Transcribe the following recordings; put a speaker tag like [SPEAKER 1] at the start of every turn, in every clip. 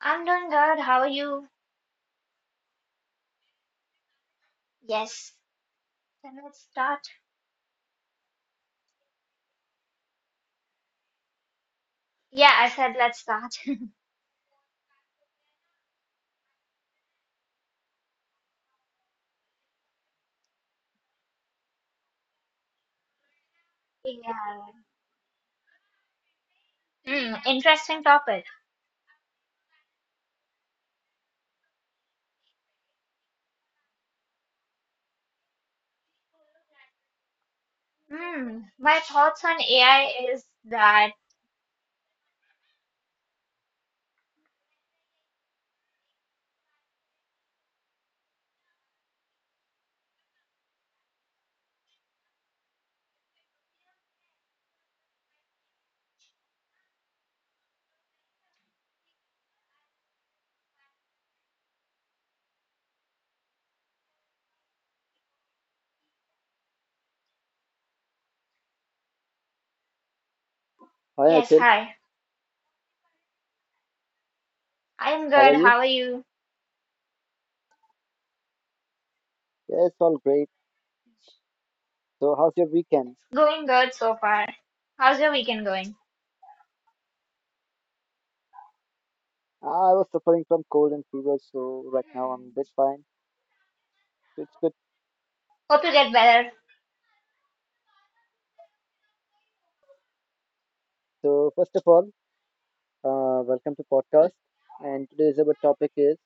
[SPEAKER 1] I'm doing good. How are you? Yes. Then let's start. Yeah, I said let's start. Yeah. Hmm. Interesting topic. Hmm. My thoughts on AI is that,
[SPEAKER 2] Hi
[SPEAKER 1] yes,
[SPEAKER 2] Achal,
[SPEAKER 1] hi. I'm
[SPEAKER 2] how are
[SPEAKER 1] good.
[SPEAKER 2] you?
[SPEAKER 1] How are you?
[SPEAKER 2] Yeah, it's all great. So, how's your weekend?
[SPEAKER 1] It's going good so far. How's your weekend going?
[SPEAKER 2] I was suffering from cold and fever, so right now I'm a
[SPEAKER 1] Hmm.
[SPEAKER 2] bit fine. So it's good.
[SPEAKER 1] Hope you get better.
[SPEAKER 2] So, first of all, welcome to podcast. And today's our topic is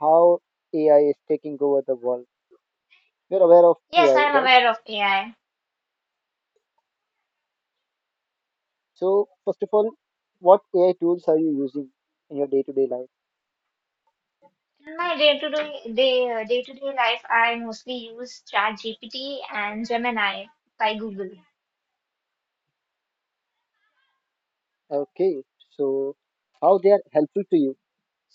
[SPEAKER 2] how AI is taking over the world. You're aware of
[SPEAKER 1] Yes,
[SPEAKER 2] AI,
[SPEAKER 1] I'm
[SPEAKER 2] right?
[SPEAKER 1] aware of AI.
[SPEAKER 2] So, first of all, what AI tools are you using in your day-to-day life?
[SPEAKER 1] In my day-to-day day-to-day life, I mostly use ChatGPT and Gemini by Google.
[SPEAKER 2] Okay, so how they are helpful to you?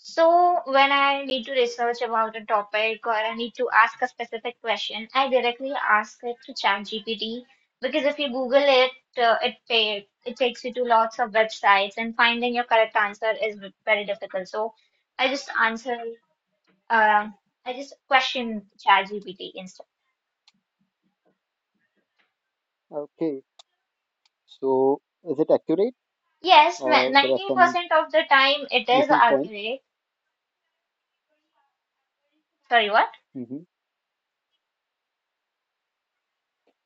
[SPEAKER 1] So when I need to research about a topic or I need to ask a specific question, I directly ask it to ChatGPT because if you Google it, it takes you to lots of websites and finding your correct answer is very difficult. So I just answer, uh, I just question ChatGPT instead.
[SPEAKER 2] Okay, so is it accurate
[SPEAKER 1] Yes,
[SPEAKER 2] or there are some
[SPEAKER 1] 90% of the time it is
[SPEAKER 2] missing points?
[SPEAKER 1] accurate. Sorry, what?
[SPEAKER 2] Mm-hmm.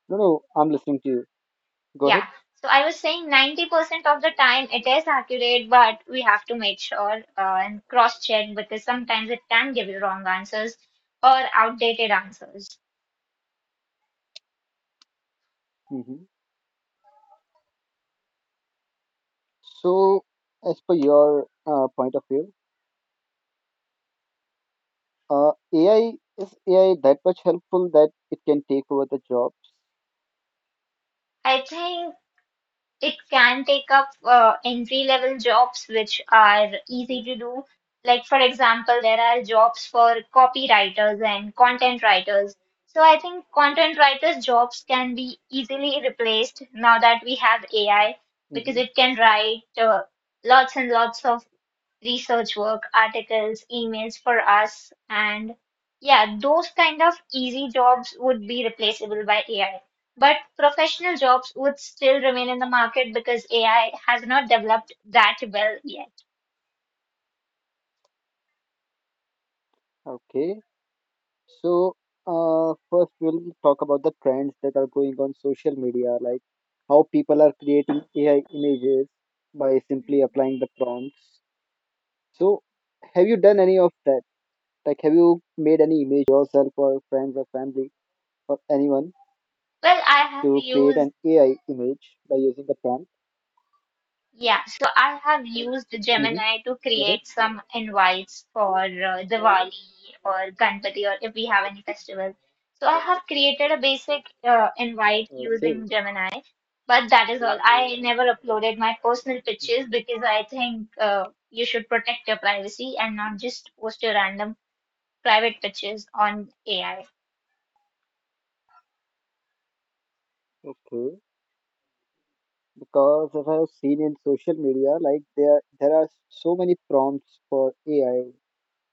[SPEAKER 2] No, no, I'm listening to you. Go ahead.
[SPEAKER 1] Yeah. So I was saying 90% of the time it is accurate, but we have to make sure and cross check because sometimes it can give you wrong answers or outdated answers.
[SPEAKER 2] hmm So, as per your point of view, uh, AI is AI that much helpful that it can take over the jobs.
[SPEAKER 1] I think it can take up entry level jobs which are easy to do, like for example there are jobs for copywriters and content writers. So I think content writers jobs can be easily replaced now that we have AI, because
[SPEAKER 2] hmm
[SPEAKER 1] it can write lots and lots of research work, articles, emails for us, and yeah, those kind of easy jobs would be replaceable by AI. But professional jobs would still remain in the market because AI has not developed that well yet.
[SPEAKER 2] Okay. So, first we'll talk about the trends that are going on social media, like how people are creating AI images by simply applying the prompts. So, have you done any of that? Like, have you made any image for yourself or friends or family or anyone?
[SPEAKER 1] Well, I have
[SPEAKER 2] To create
[SPEAKER 1] used
[SPEAKER 2] an AI image by using the prompt.
[SPEAKER 1] Yeah, so I have used
[SPEAKER 2] hmm
[SPEAKER 1] Gemini to
[SPEAKER 2] Go ahead.
[SPEAKER 1] create some invites for Diwali or Ganpati, or if we have any festival. So I have created a basic invite
[SPEAKER 2] Okay.
[SPEAKER 1] using Gemini, but that is all. I never uploaded my personal pictures
[SPEAKER 2] Mhm.
[SPEAKER 1] because I think you should protect your privacy and not just post your random private pictures on AI.
[SPEAKER 2] Okay. Because as I have seen in social media, like there are so many prompts for AI,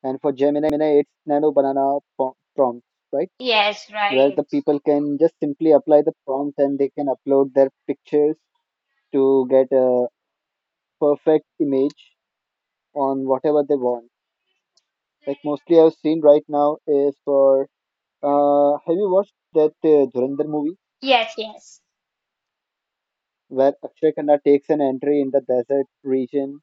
[SPEAKER 2] and for Gemini, it's Nano Banana prompts, right?
[SPEAKER 1] Yes,
[SPEAKER 2] Where
[SPEAKER 1] right.
[SPEAKER 2] the people can just simply apply the prompt and they can upload their pictures to get a perfect image on whatever they want. Like mostly I've seen right now is for have you watched that Dhurandhar movie?
[SPEAKER 1] Yes, yes.
[SPEAKER 2] Where Akshay Khanna takes an entry in the desert region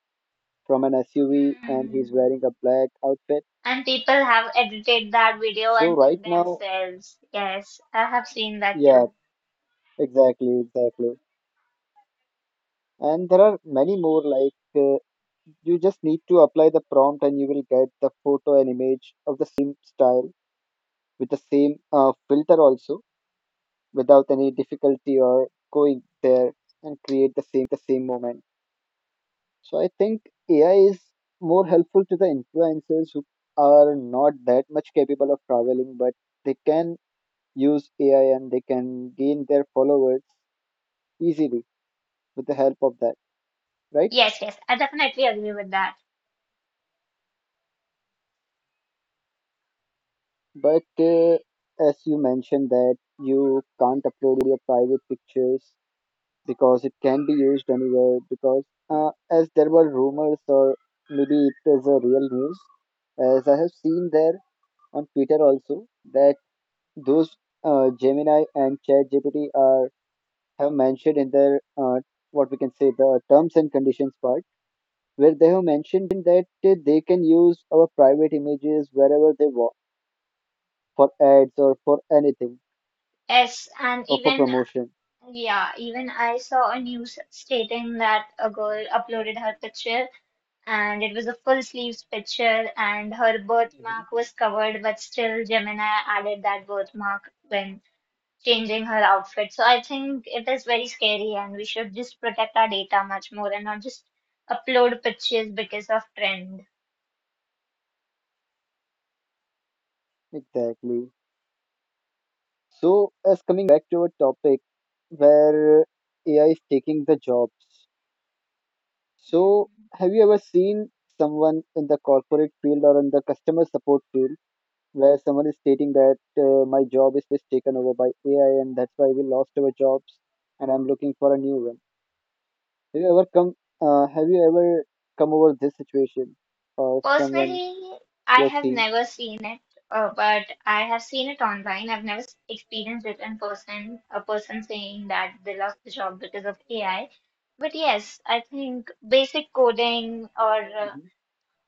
[SPEAKER 2] from an SUV and
[SPEAKER 1] Mm.
[SPEAKER 2] he's wearing a black outfit.
[SPEAKER 1] And people have edited that video
[SPEAKER 2] So
[SPEAKER 1] and put
[SPEAKER 2] right now,
[SPEAKER 1] themselves. Yes, I have seen that
[SPEAKER 2] yeah,
[SPEAKER 1] too.
[SPEAKER 2] exactly, exactly. And there are many more like you just need to apply the prompt and you will get the photo and image of the same style with the same filter also without any difficulty or going there and create the same moment. So I think AI is more helpful to the influencers who are not that much capable of traveling, but they can use AI and they can gain their followers easily with the help of that, right?
[SPEAKER 1] Yes, yes, I definitely agree with that.
[SPEAKER 2] But as you mentioned that you can't upload your private pictures because it can be used anywhere because as there were rumors or maybe it was a real news as I have seen there on Twitter also that those Gemini and ChatGPT are have mentioned in their what we can say the terms and conditions part, where they have mentioned that they can use our private images wherever they want for ads or for anything
[SPEAKER 1] Yes, and
[SPEAKER 2] or for promotion.
[SPEAKER 1] even I saw a news stating that a girl uploaded her picture and it was a full sleeves picture and her
[SPEAKER 2] Mhm.
[SPEAKER 1] birthmark was covered, but still Gemini added that birthmark when changing her outfit. So I think it is very scary, and we should just protect our data much more and not just upload pictures because of trend.
[SPEAKER 2] Exactly. So, as coming back to our topic, where AI is taking the jobs. So,
[SPEAKER 1] Mm.
[SPEAKER 2] have you ever seen someone in the corporate field or in the customer support field where someone is stating that my job is taken over by AI and that's why we lost our jobs and I'm looking for a new one. Have you ever come? Have you ever come over this situation or someone
[SPEAKER 1] Personally,
[SPEAKER 2] you
[SPEAKER 1] I
[SPEAKER 2] have
[SPEAKER 1] have
[SPEAKER 2] seen?
[SPEAKER 1] never seen it, but I have seen it online. I've never experienced it in person, a person saying that they lost the job because of AI. But yes, I think basic coding or
[SPEAKER 2] hmm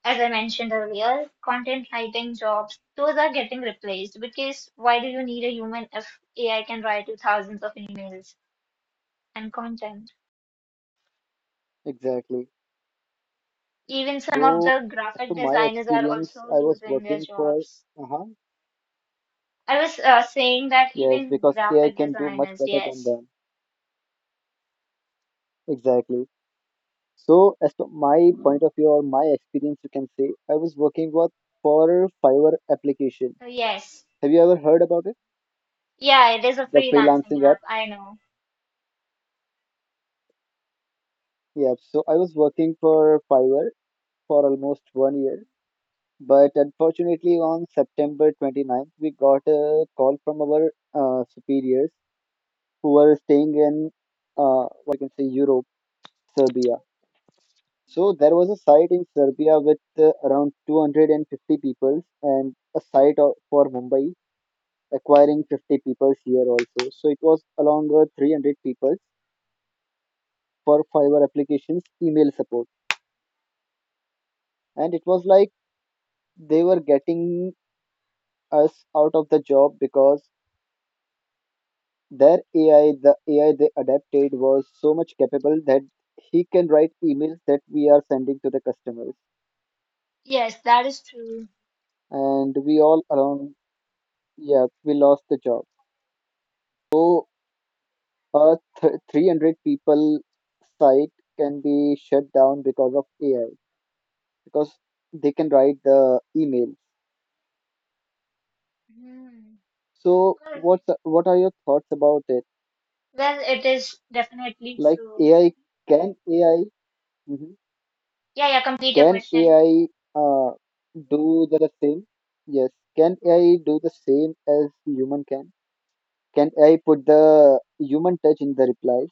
[SPEAKER 1] as I mentioned earlier, content writing jobs, those are getting replaced, because why do you need a human if AI can write you thousands of emails and content?
[SPEAKER 2] Exactly.
[SPEAKER 1] Even some of
[SPEAKER 2] So,
[SPEAKER 1] the
[SPEAKER 2] as to
[SPEAKER 1] graphic
[SPEAKER 2] my
[SPEAKER 1] designers are also
[SPEAKER 2] experience, I was
[SPEAKER 1] losing their
[SPEAKER 2] working for.
[SPEAKER 1] jobs.
[SPEAKER 2] Uh-huh.
[SPEAKER 1] I was saying that
[SPEAKER 2] Yes,
[SPEAKER 1] even
[SPEAKER 2] because AI
[SPEAKER 1] graphic
[SPEAKER 2] can do much
[SPEAKER 1] designers,
[SPEAKER 2] better than
[SPEAKER 1] yes.
[SPEAKER 2] them. Exactly. So, as to my point of view or my experience, you can say I was working with for Fiverr application.
[SPEAKER 1] Uh, Yes.
[SPEAKER 2] Have you ever heard about
[SPEAKER 1] Yeah, it is a
[SPEAKER 2] the freelancing
[SPEAKER 1] freelancing
[SPEAKER 2] app?
[SPEAKER 1] app. I know.
[SPEAKER 2] Yeah, so I was working for Fiverr for almost 1 year, but unfortunately, on September 29th, we got a call from our superiors who were staying in what we can say Europe, Serbia. So there was a site in Serbia with around 250 people, and a site for Mumbai acquiring 50 people here also. So it was along 300 people for Fiverr applications email support and it was like they were getting us out of the job because their AI, the AI they adapted was so much capable that he can write emails that we are sending to the customers.
[SPEAKER 1] Yes, that is true.
[SPEAKER 2] And we all around, yeah, we lost the job. So a 300 people site can be shut down because of AI because they can write the email.
[SPEAKER 1] Hmm.
[SPEAKER 2] So
[SPEAKER 1] Well,
[SPEAKER 2] what are your thoughts about it?
[SPEAKER 1] well, it is definitely
[SPEAKER 2] Like
[SPEAKER 1] true.
[SPEAKER 2] AI, can AI?
[SPEAKER 1] Yeah, yeah, complete your
[SPEAKER 2] Can
[SPEAKER 1] question.
[SPEAKER 2] AI uh, do the same? Yes. Can AI do the same as human can? Can AI put the human touch in the replies?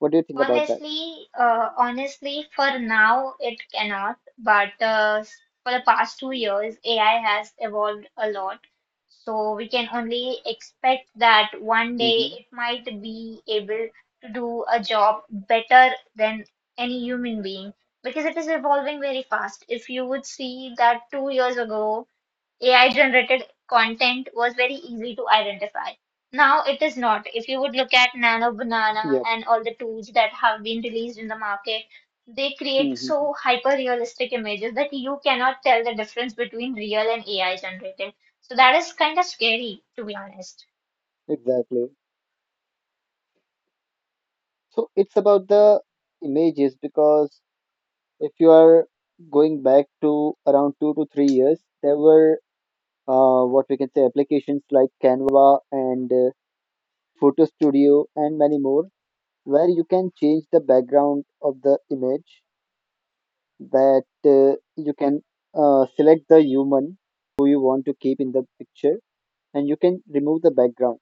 [SPEAKER 2] What do you think about that?
[SPEAKER 1] Honestly, honestly, for now it cannot, but for the past 2 years, AI has evolved a lot. So we can only expect that one day
[SPEAKER 2] Mm-hmm.
[SPEAKER 1] it might be able to do a job better than any human being because it is evolving very fast. If you would see that 2 years ago, AI generated content was very easy to identify. Now it is not. If you would look at Nano Banana
[SPEAKER 2] Yep.
[SPEAKER 1] and all the tools that have been released in the market, they create
[SPEAKER 2] hmm
[SPEAKER 1] so hyper realistic images that you cannot tell the difference between real and AI generated. So that is kind of scary, to be honest.
[SPEAKER 2] Exactly. So it's about the images because if you are going back to around 2 to 3 years, there were what we can say applications like Canva and Photo Studio and many more where you can change the background of the image that you can select the human who you want to keep in the picture and you can remove the background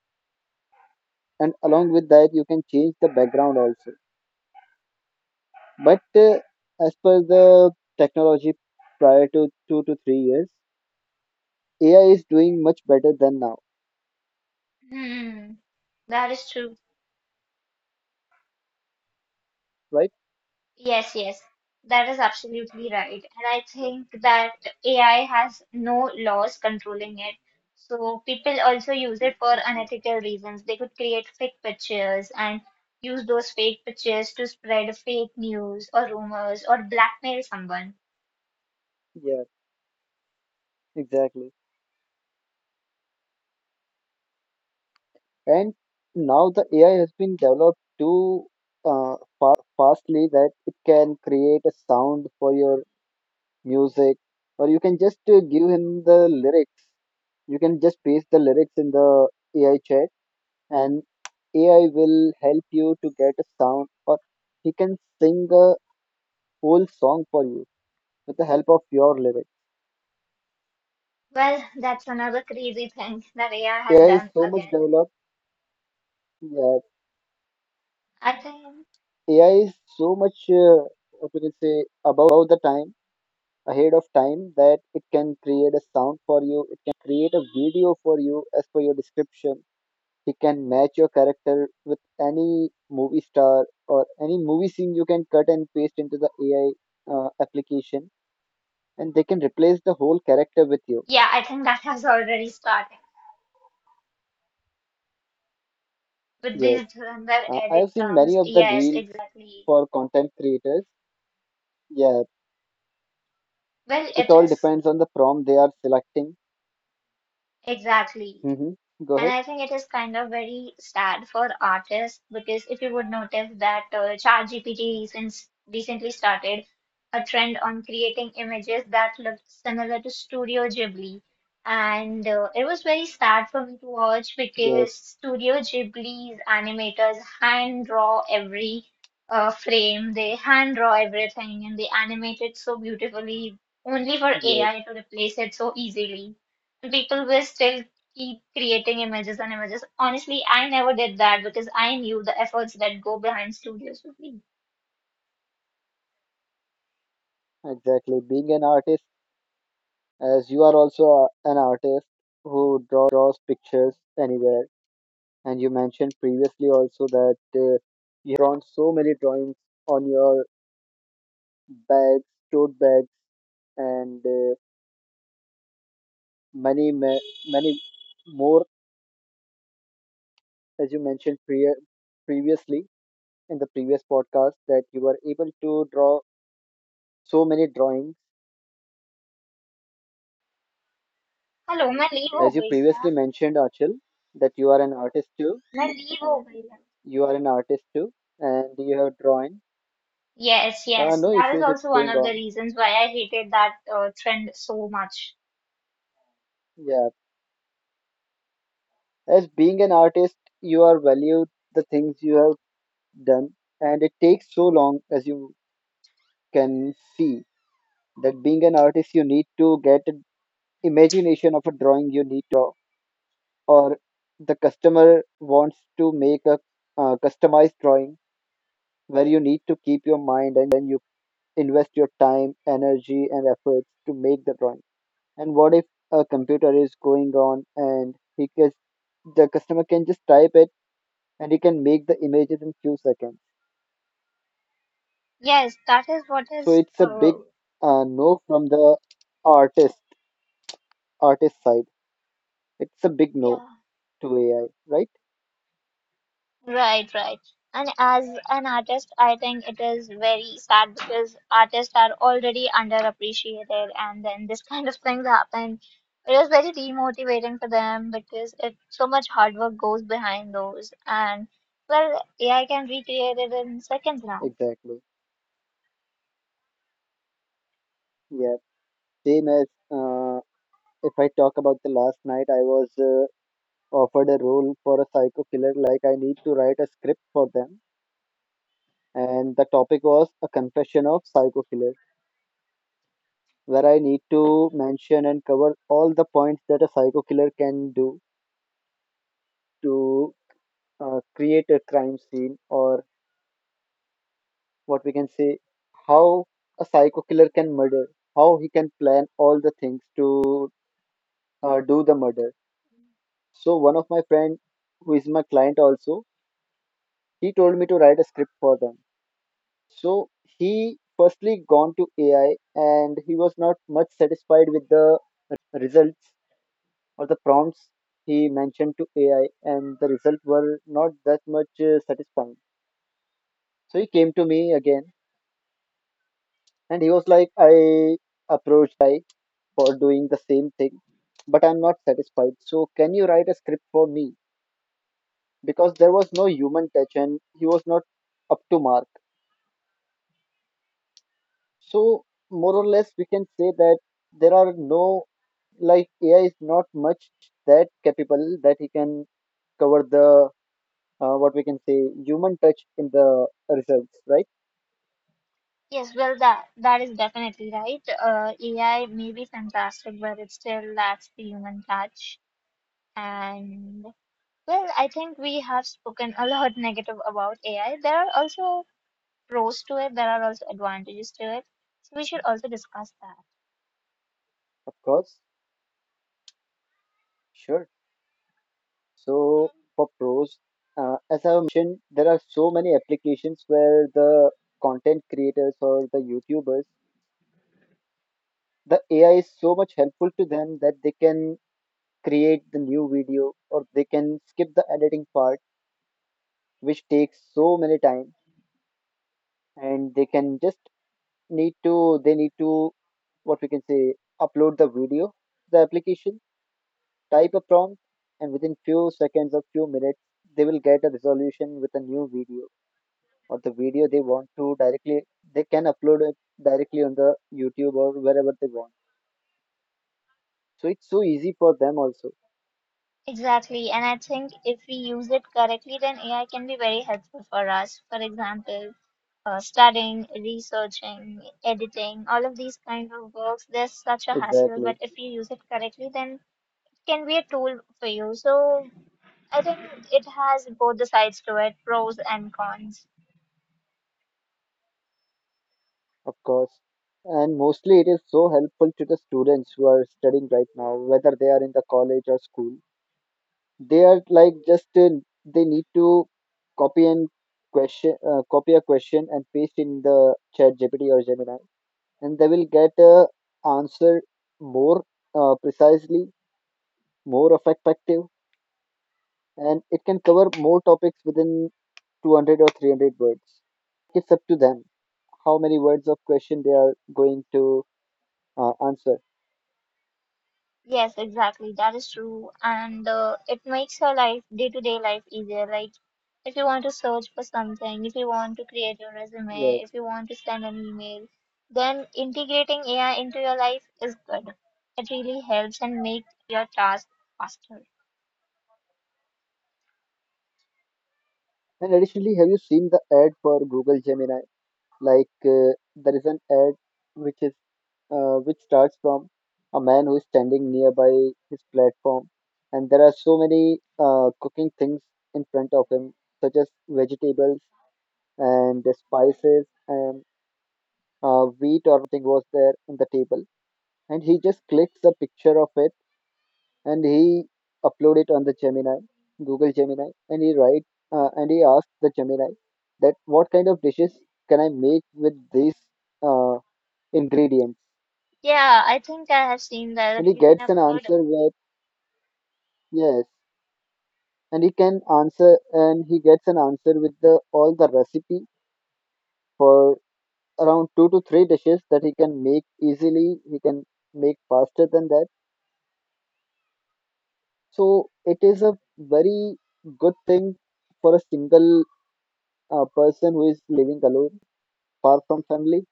[SPEAKER 2] and along with that you can change the background also but as per the technology prior to 2 to 3 years ai is doing much better than now
[SPEAKER 1] Hmm, that is true.
[SPEAKER 2] right
[SPEAKER 1] Yes, yes, that is absolutely right. And I think that AI has no laws controlling it. So people also use it for unethical reasons. They could create fake pictures and use those fake pictures to spread fake news or rumors or blackmail someone.
[SPEAKER 2] yeah exactly and now the ai has been developed too uh, fastly that it can create a sound for your music or you can just give him the lyrics. You can just paste the lyrics in the AI chat and AI will help you to get a sound or he can sing a whole song for you with the help of your lyrics.
[SPEAKER 1] Well, that's another crazy thing that AI has
[SPEAKER 2] AI is
[SPEAKER 1] done
[SPEAKER 2] so much
[SPEAKER 1] again.
[SPEAKER 2] developed. Yeah,
[SPEAKER 1] I think,
[SPEAKER 2] AI is so much, what we can say, about the time, ahead of time that it can create a sound for you. It can create a video for you as per your description. He can match your character with any movie star or any movie scene you can cut and paste into the AI application, and they can replace the whole character with you.
[SPEAKER 1] yeah, I think that has already started with
[SPEAKER 2] Yes,
[SPEAKER 1] this where
[SPEAKER 2] I
[SPEAKER 1] edit
[SPEAKER 2] have seen many
[SPEAKER 1] comes.
[SPEAKER 2] of the
[SPEAKER 1] Yes,
[SPEAKER 2] reels
[SPEAKER 1] exactly.
[SPEAKER 2] for content creators. Yeah,
[SPEAKER 1] Well,
[SPEAKER 2] it
[SPEAKER 1] it
[SPEAKER 2] all
[SPEAKER 1] is
[SPEAKER 2] depends on the prompt they are selecting.
[SPEAKER 1] Exactly.
[SPEAKER 2] hmm Go
[SPEAKER 1] And
[SPEAKER 2] ahead.
[SPEAKER 1] I think it is kind of very sad for artists, because if you would notice that ChatGPT since recently started a trend on creating images that looked similar to Studio Ghibli. And it was very sad for me to watch
[SPEAKER 2] Yes,
[SPEAKER 1] because Studio Ghibli's animators hand draw every frame, they hand draw everything, and they animate it so beautifully, only for
[SPEAKER 2] yes,
[SPEAKER 1] AI to replace it so easily people were still keep creating images and images. Honestly, I never did that because I knew the efforts that go behind studios would be.
[SPEAKER 2] exactly. Being an artist, as you are also an artist who draws pictures anywhere. And you mentioned previously also that you have drawn so many drawings on your bags, tote bags, and many, many more, as you mentioned previously in the previous podcast, that you were able to draw so many drawings.
[SPEAKER 1] Hello मैं leave हो
[SPEAKER 2] As you
[SPEAKER 1] गई क्या
[SPEAKER 2] previously mentioned, Achal, that you are an artist too.
[SPEAKER 1] मैं leave हो गई है।
[SPEAKER 2] You are an artist too, and you have drawn.
[SPEAKER 1] Yes, yes,
[SPEAKER 2] No
[SPEAKER 1] that is
[SPEAKER 2] issues, it's
[SPEAKER 1] also one
[SPEAKER 2] going
[SPEAKER 1] of the
[SPEAKER 2] on.
[SPEAKER 1] reasons why I hated that trend so much.
[SPEAKER 2] Yeah. As being an artist, you are valued the things you have done and it takes so long as you can see that being an artist you need to get an imagination of a drawing you need to draw or the customer wants to make a customized drawing where you need to keep your mind and you invest your time energy and efforts to make the drawing and what if a computer is going on and he can the customer can just type it and he can make the images in few seconds.
[SPEAKER 1] Yes, that is what
[SPEAKER 2] So
[SPEAKER 1] is,
[SPEAKER 2] it's a
[SPEAKER 1] uh,
[SPEAKER 2] big no from the artist artist side. It's a big no
[SPEAKER 1] yeah,
[SPEAKER 2] to AI, right?
[SPEAKER 1] right, right. And as an artist, I think it is very sad because artists are already underappreciated, and then this kind of things happen. It is very demotivating for them because it so much hard work goes behind those, and well, AI can recreate it in seconds now.
[SPEAKER 2] Exactly. Yeah. Same as if I talk about the last night, I was offered a role for a psycho killer. Like I need to write a script for them, and the topic was a confession of psycho killer, where I need to mention and cover all the points that a psycho killer can do to create a crime scene or what we can say how a psycho killer can murder how he can plan all the things to do the murder so one of my friend who is my client also he told me to write a script for them so he firstly gone to ai and he was not much satisfied with the results or the prompts he mentioned to ai and the results were not that much satisfying so he came to me again and he was like I approached ai for doing the same thing, but I'm not satisfied. So, can you write a script for me? Because there was no human touch and he was not up to mark. So, more or less, we can say that there are no, like, AI is not much that capable that he can cover the, what we can say, human touch in the results, right?
[SPEAKER 1] Yes, well, that is definitely right. AI may be fantastic, but it still lacks the human touch. And well, I think we have spoken a lot negative about AI. There are also pros to it. There are also advantages to it. So we should also discuss that.
[SPEAKER 2] Of course, sure. So, for pros, as I have mentioned, there are so many applications where the content creators or the YouTubers the AI is so much helpful to them that they can create the new video or they can skip the editing part, which takes so many time, and they can just need to they need to what we can say upload the video to the application, type a prompt, and within few seconds or few minutes they will get a resolution with a new video or the video they want to directly they can upload it directly on the YouTube or wherever they want. So it's so easy for them also.
[SPEAKER 1] Exactly. And I think if we use it correctly, then AI can be very helpful for us. For example, studying, researching, editing, all of these kind of works, there's such a hassle. But
[SPEAKER 2] Exactly.
[SPEAKER 1] if you use it correctly, then can be a tool for you. So I think it has both the sides to it, pros and cons.
[SPEAKER 2] Of course. And mostly it is so helpful to the students who are studying right now, whether they are in the college or school. They are like just they need to copy and question, copy a question and paste in the chat GPT or Gemini, and they will get a answer more precisely, more effective, and it can cover more topics within 200 or 300 words. Like it's up to them how many words of question they are going to answer.
[SPEAKER 1] Yes, exactly. That is true. And it makes your life, day to day life easier. Like, if you want to search for something, if you want to create your
[SPEAKER 2] Yeah.
[SPEAKER 1] resume, if you want to send an email, then integrating AI into your life is good. It really helps and makes your task faster.
[SPEAKER 2] And additionally, have you seen the ad for Google Gemini? Like there is an ad which is which starts from a man who is standing nearby his platform, and there are so many cooking things in front of him, such as vegetables and the spices and wheat or rice. Something was there on the table, and he just clicks a picture of it and he upload it on the Gemini, Google Gemini, and he write and he asked the Gemini that what kind of dishes can I make with these uh, ingredients,
[SPEAKER 1] Yeah, I think I have seen
[SPEAKER 2] and
[SPEAKER 1] that
[SPEAKER 2] he
[SPEAKER 1] you can
[SPEAKER 2] gets an
[SPEAKER 1] upload.
[SPEAKER 2] answer with yes, and he can answer and he gets an answer with the all the recipe for around two to three dishes that he can make easily. He can make faster than that. So it is a very good thing for a single person who is living alone far from family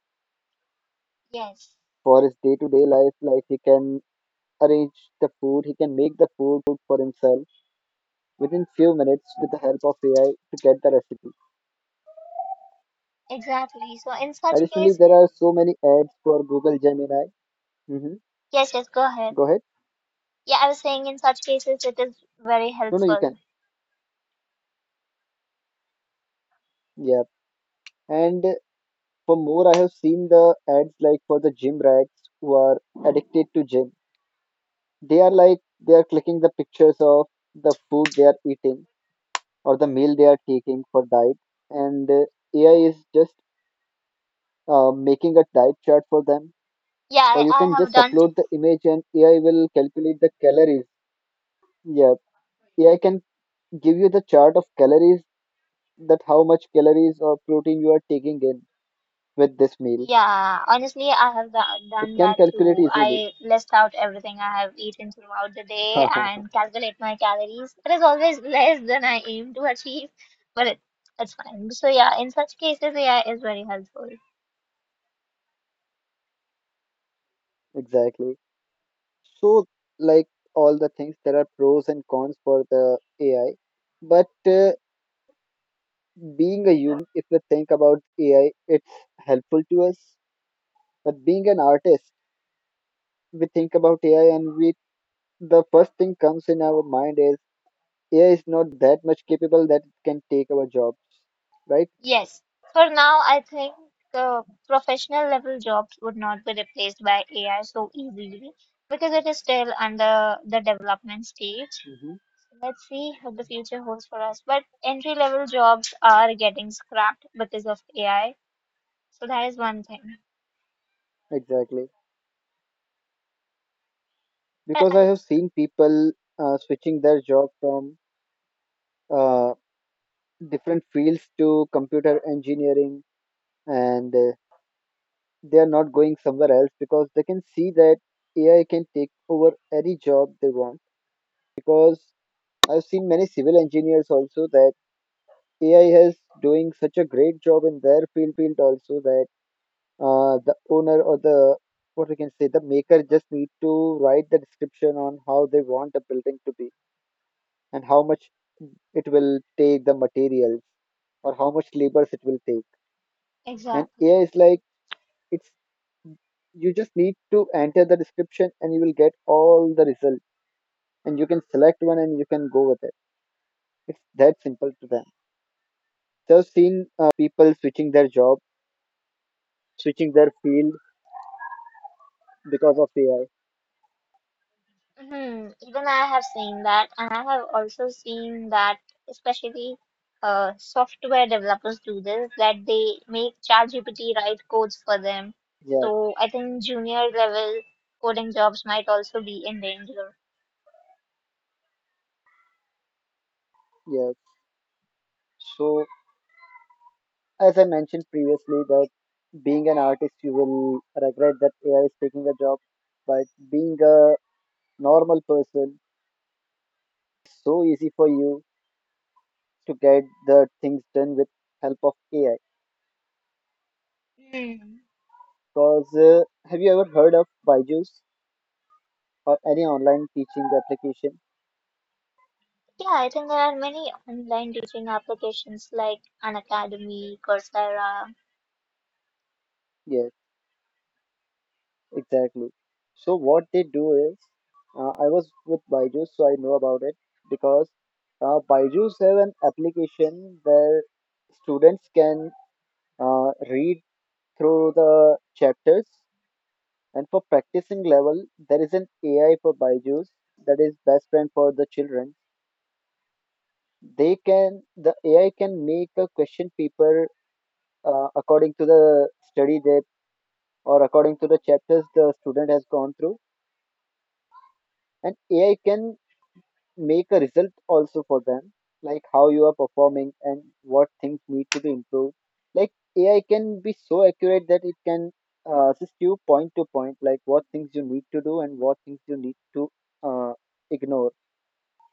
[SPEAKER 1] Yes,
[SPEAKER 2] for his day to day life. Like he can arrange the food, he can make the food for himself within few minutes with the help of AI to get the recipe.
[SPEAKER 1] exactly. So, in such
[SPEAKER 2] Additionally, there are
[SPEAKER 1] cases,
[SPEAKER 2] so many ads for Google Gemini. Hmm.
[SPEAKER 1] Yes, yes, go ahead.
[SPEAKER 2] Go ahead.
[SPEAKER 1] Yeah, I was saying in such cases it is very
[SPEAKER 2] No, no, you can.
[SPEAKER 1] helpful.
[SPEAKER 2] Yeah. And for more, I have seen the ads like for the gym rats who are addicted to gym. They are like they are clicking the pictures of the food they are eating or the meal they are taking for diet, and AI is just making a diet chart for them,
[SPEAKER 1] Yeah,
[SPEAKER 2] or
[SPEAKER 1] I,
[SPEAKER 2] you can
[SPEAKER 1] I have
[SPEAKER 2] just
[SPEAKER 1] done too.
[SPEAKER 2] upload the image and AI will calculate the calories. Yeah, AI can give you the chart of calories that how much calories or protein you are taking in with this meal.
[SPEAKER 1] Yeah, honestly, I have
[SPEAKER 2] It
[SPEAKER 1] done
[SPEAKER 2] can
[SPEAKER 1] that
[SPEAKER 2] calculate
[SPEAKER 1] too.
[SPEAKER 2] easily.
[SPEAKER 1] I list out everything I have eaten throughout the day and calculate my calories. It is always less than I aim to achieve, but it's fine. So yeah, in such cases, AI is very helpful.
[SPEAKER 2] Exactly. So, like all the things, there are pros and cons for the AI. But being a human, if we think about AI, it's helpful to us. But being an artist, we think about AI and we the first thing comes in our mind is AI is not that much capable that it can take our jobs, right?
[SPEAKER 1] Yes, for now, I think the professional level jobs would not be replaced by AI so easily because it is still under the development stage.
[SPEAKER 2] Hmm.
[SPEAKER 1] Let's see what the future holds for us. But entry level jobs are getting scrapped because of AI, so that is one thing.
[SPEAKER 2] Exactly.
[SPEAKER 1] But
[SPEAKER 2] Because
[SPEAKER 1] I,
[SPEAKER 2] I have
[SPEAKER 1] It's
[SPEAKER 2] seen people switching their job from uh, different fields to computer engineering, and they are not going somewhere else because they can see that AI can take over any job they want. Because I've seen many civil engineers also that AI has doing such a great job in their field also the owner or the what we can say the maker just need to write the description on how they want the building to be and how much it will take the materials or how much labors it will take and
[SPEAKER 1] Exactly.
[SPEAKER 2] AI is like it's you just need to enter the description and you will get all the results and you can select one and you can go with it, it's that simple to them. So I've seen people switching their job, switching their field because of AI.
[SPEAKER 1] Hmm, even I have seen that, and I have also seen that especially software developers do this, that they make ChatGPT write codes for them.
[SPEAKER 2] Yeah,
[SPEAKER 1] So I think junior level coding jobs might also be in danger.
[SPEAKER 2] yeah. So as I mentioned previously, that being an artist, you will regret that AI is taking a job. But being a normal person, it is so easy for you to get the things done with help of AI.
[SPEAKER 1] Hmm.
[SPEAKER 2] Because have you ever heard of Byju's or any online teaching application?
[SPEAKER 1] Yeah, I think there are many online teaching applications like Khan Academy, Coursera.
[SPEAKER 2] Yes, exactly. So what they do is, I was with Byju's, so I know about it because Byju's have an application where students can read through the chapters. And for practicing level, there is an AI for Byju's that is best friend for the children. They can the AI can make a question paper according to the study that or according to the chapters the student has gone through, and AI can make a result also for them like how you are performing and what things need to be improved. Like AI can be so accurate that it can assist you point to point like what things you need to do and what things you need to uh, ignore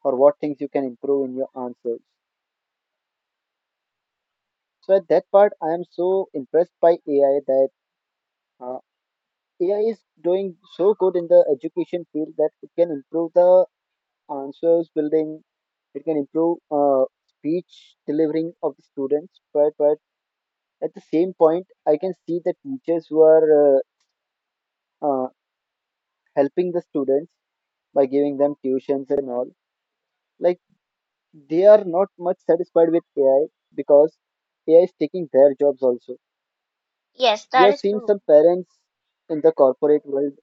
[SPEAKER 2] or what things you can improve in your answers. So at that part I am so impressed by AI that uh, AI is doing so good in the education field that it can improve the answers building, it can improve speech delivering of the students. But at the same point I can see the teachers who are uh, helping the students by giving them tuitions and all, like they are not much satisfied with AI because AI is taking their jobs also.
[SPEAKER 1] Yes,
[SPEAKER 2] We
[SPEAKER 1] that
[SPEAKER 2] have
[SPEAKER 1] is
[SPEAKER 2] seen some
[SPEAKER 1] true.
[SPEAKER 2] parents in the corporate world,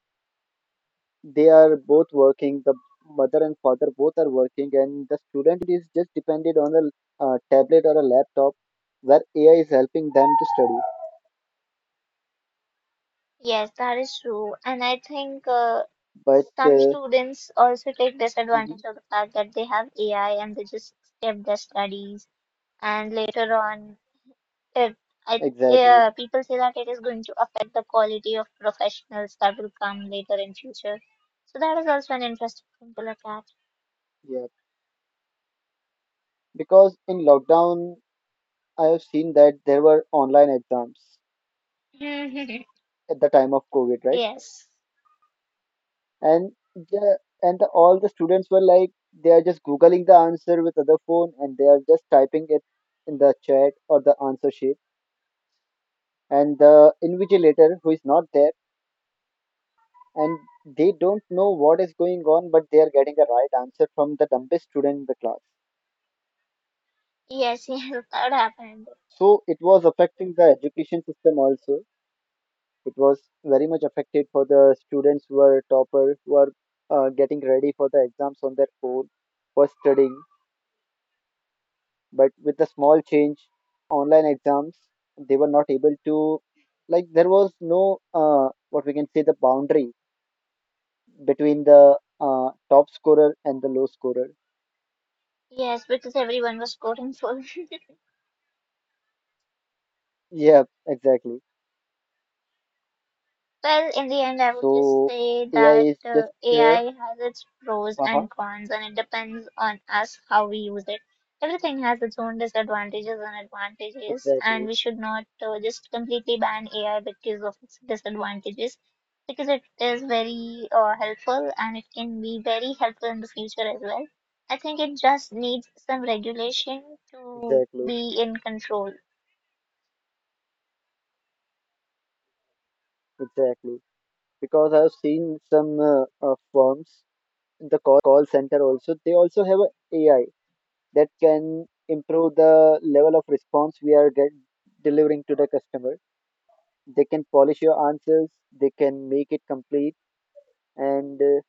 [SPEAKER 2] they are both working, the mother and father both are working, and the student is just dependent on a tablet or a laptop where AI is helping them to study.
[SPEAKER 1] Yes, that is true. And I think
[SPEAKER 2] But
[SPEAKER 1] some students also take disadvantage
[SPEAKER 2] mhm,
[SPEAKER 1] of the fact that they have AI and they just skip their studies. And later on, it, I,
[SPEAKER 2] exactly,
[SPEAKER 1] people say that it is going to affect the quality of professionals that will come later in future. So that is also an interesting thing to look
[SPEAKER 2] yeah. Because in lockdown I have seen that there were online exams
[SPEAKER 1] at.
[SPEAKER 2] at the time of COVID, right?
[SPEAKER 1] Yes.
[SPEAKER 2] All the students were like they are just googling the answer with other phone and they are just typing it in the chat or the answer sheet and the invigilator who is not there and they don't know what is going on, but they are getting a right answer from the dumbest student in the class.
[SPEAKER 1] Yes, yes, that happened.
[SPEAKER 2] So it was affecting the education system also. It was very much affected for the students who are topper, who are getting ready for the exams on their own, for studying. But with the small change, with the online exams, they were not able to, like, there was no, what we can say, the boundary between the top scorer and the low scorer.
[SPEAKER 1] Yes, because everyone was coding full.
[SPEAKER 2] Yeah, exactly.
[SPEAKER 1] Well, in the end, I would just
[SPEAKER 2] So
[SPEAKER 1] say
[SPEAKER 2] AI
[SPEAKER 1] that
[SPEAKER 2] is just
[SPEAKER 1] AI has its pros
[SPEAKER 2] haha,
[SPEAKER 1] and cons, and it depends on us how we use it. Everything has its own disadvantages and advantages, and
[SPEAKER 2] exactly,
[SPEAKER 1] we should not just completely ban AI because of its disadvantages, because it is very helpful and it can be very helpful in the future as well. I think it just needs some regulation to
[SPEAKER 2] exactly,
[SPEAKER 1] be in control.
[SPEAKER 2] exactly. Because I've seen some firms in the call center also. They also have a AI that can improve the level of response we are get, delivering to the customer. They can polish your answers. They can make it complete and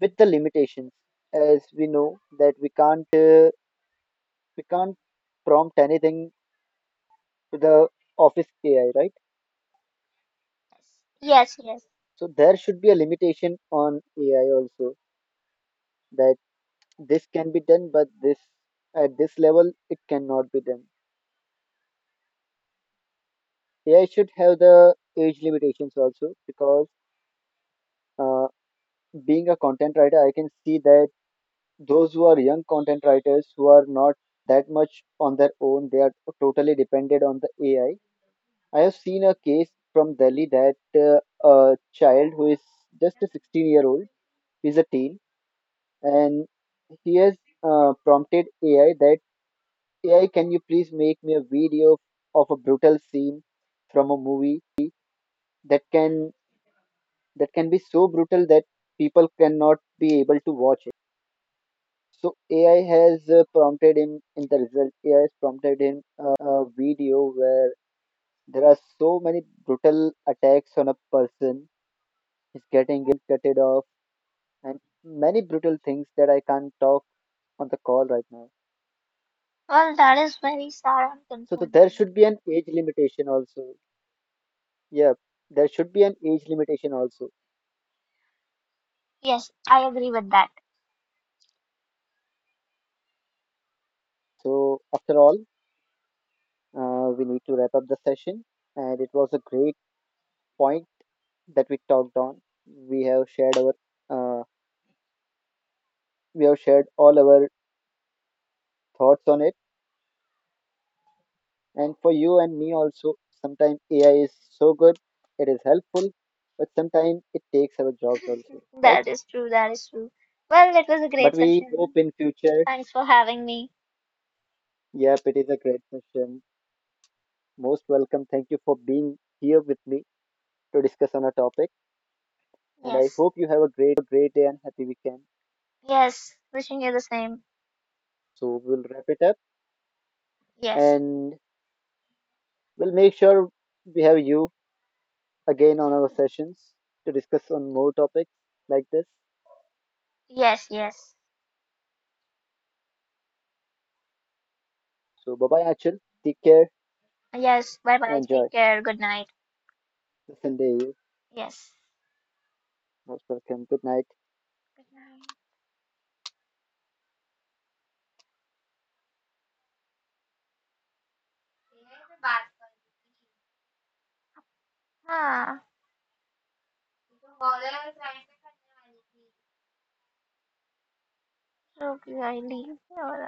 [SPEAKER 2] with the limitations, as we know that we can't prompt anything to the office AI, right?
[SPEAKER 1] Yes, yes.
[SPEAKER 2] So there should be a limitation on AI also that this can be done, but this at this level it cannot be done. AI should have the age limitations also because uh, being a content writer, I can see that those who are young content writers who are not that much on their own, they are totally dependent on the AI. I have seen a case from Delhi that a child who is just a 16-year-old is a teen and he has prompted AI that AI, can you please make me a video of a brutal scene from a movie that can that can be so brutal that people cannot be able to watch it? So AI has prompted him in the result. AI has prompted him a video where there are so many brutal attacks on a person. He's getting his hand cutted off and many brutal things that I can't talk on the call right now.
[SPEAKER 1] Well, that is very sad and
[SPEAKER 2] So there
[SPEAKER 1] concerning.
[SPEAKER 2] should be an age limitation also. Yeah, there should be an age limitation also.
[SPEAKER 1] Yes, I agree with that.
[SPEAKER 2] So, after all, we need to wrap up the session, and it was a great point that we talked on. We have shared our uh, we have shared all our thoughts on it, and for you and me also. Sometimes AI is so good, it is helpful, but sometimes it takes our jobs also, right?
[SPEAKER 1] That is true. That is true. Well, it was a
[SPEAKER 2] But
[SPEAKER 1] great
[SPEAKER 2] we hope
[SPEAKER 1] session.
[SPEAKER 2] in future.
[SPEAKER 1] Thanks for having me.
[SPEAKER 2] Yep, it is a great session. Most welcome. Thank you for being here with me to discuss on a topic, and I
[SPEAKER 1] Yes.
[SPEAKER 2] hope you have a great day and happy weekend.
[SPEAKER 1] Yes. Wishing you the same.
[SPEAKER 2] So we'll wrap it up.
[SPEAKER 1] Yes.
[SPEAKER 2] And we'll make sure we have you again on our sessions to discuss on more topics like this.
[SPEAKER 1] Yes. Yes.
[SPEAKER 2] So bye bye Achal. Take care
[SPEAKER 1] Yes. Bye
[SPEAKER 2] and
[SPEAKER 1] bye.
[SPEAKER 2] enjoy
[SPEAKER 1] Take care. Good night.
[SPEAKER 2] the Sunday. You're
[SPEAKER 1] Yes.
[SPEAKER 2] Most welcome. Good night.
[SPEAKER 1] Good night. हाँ रुक आई और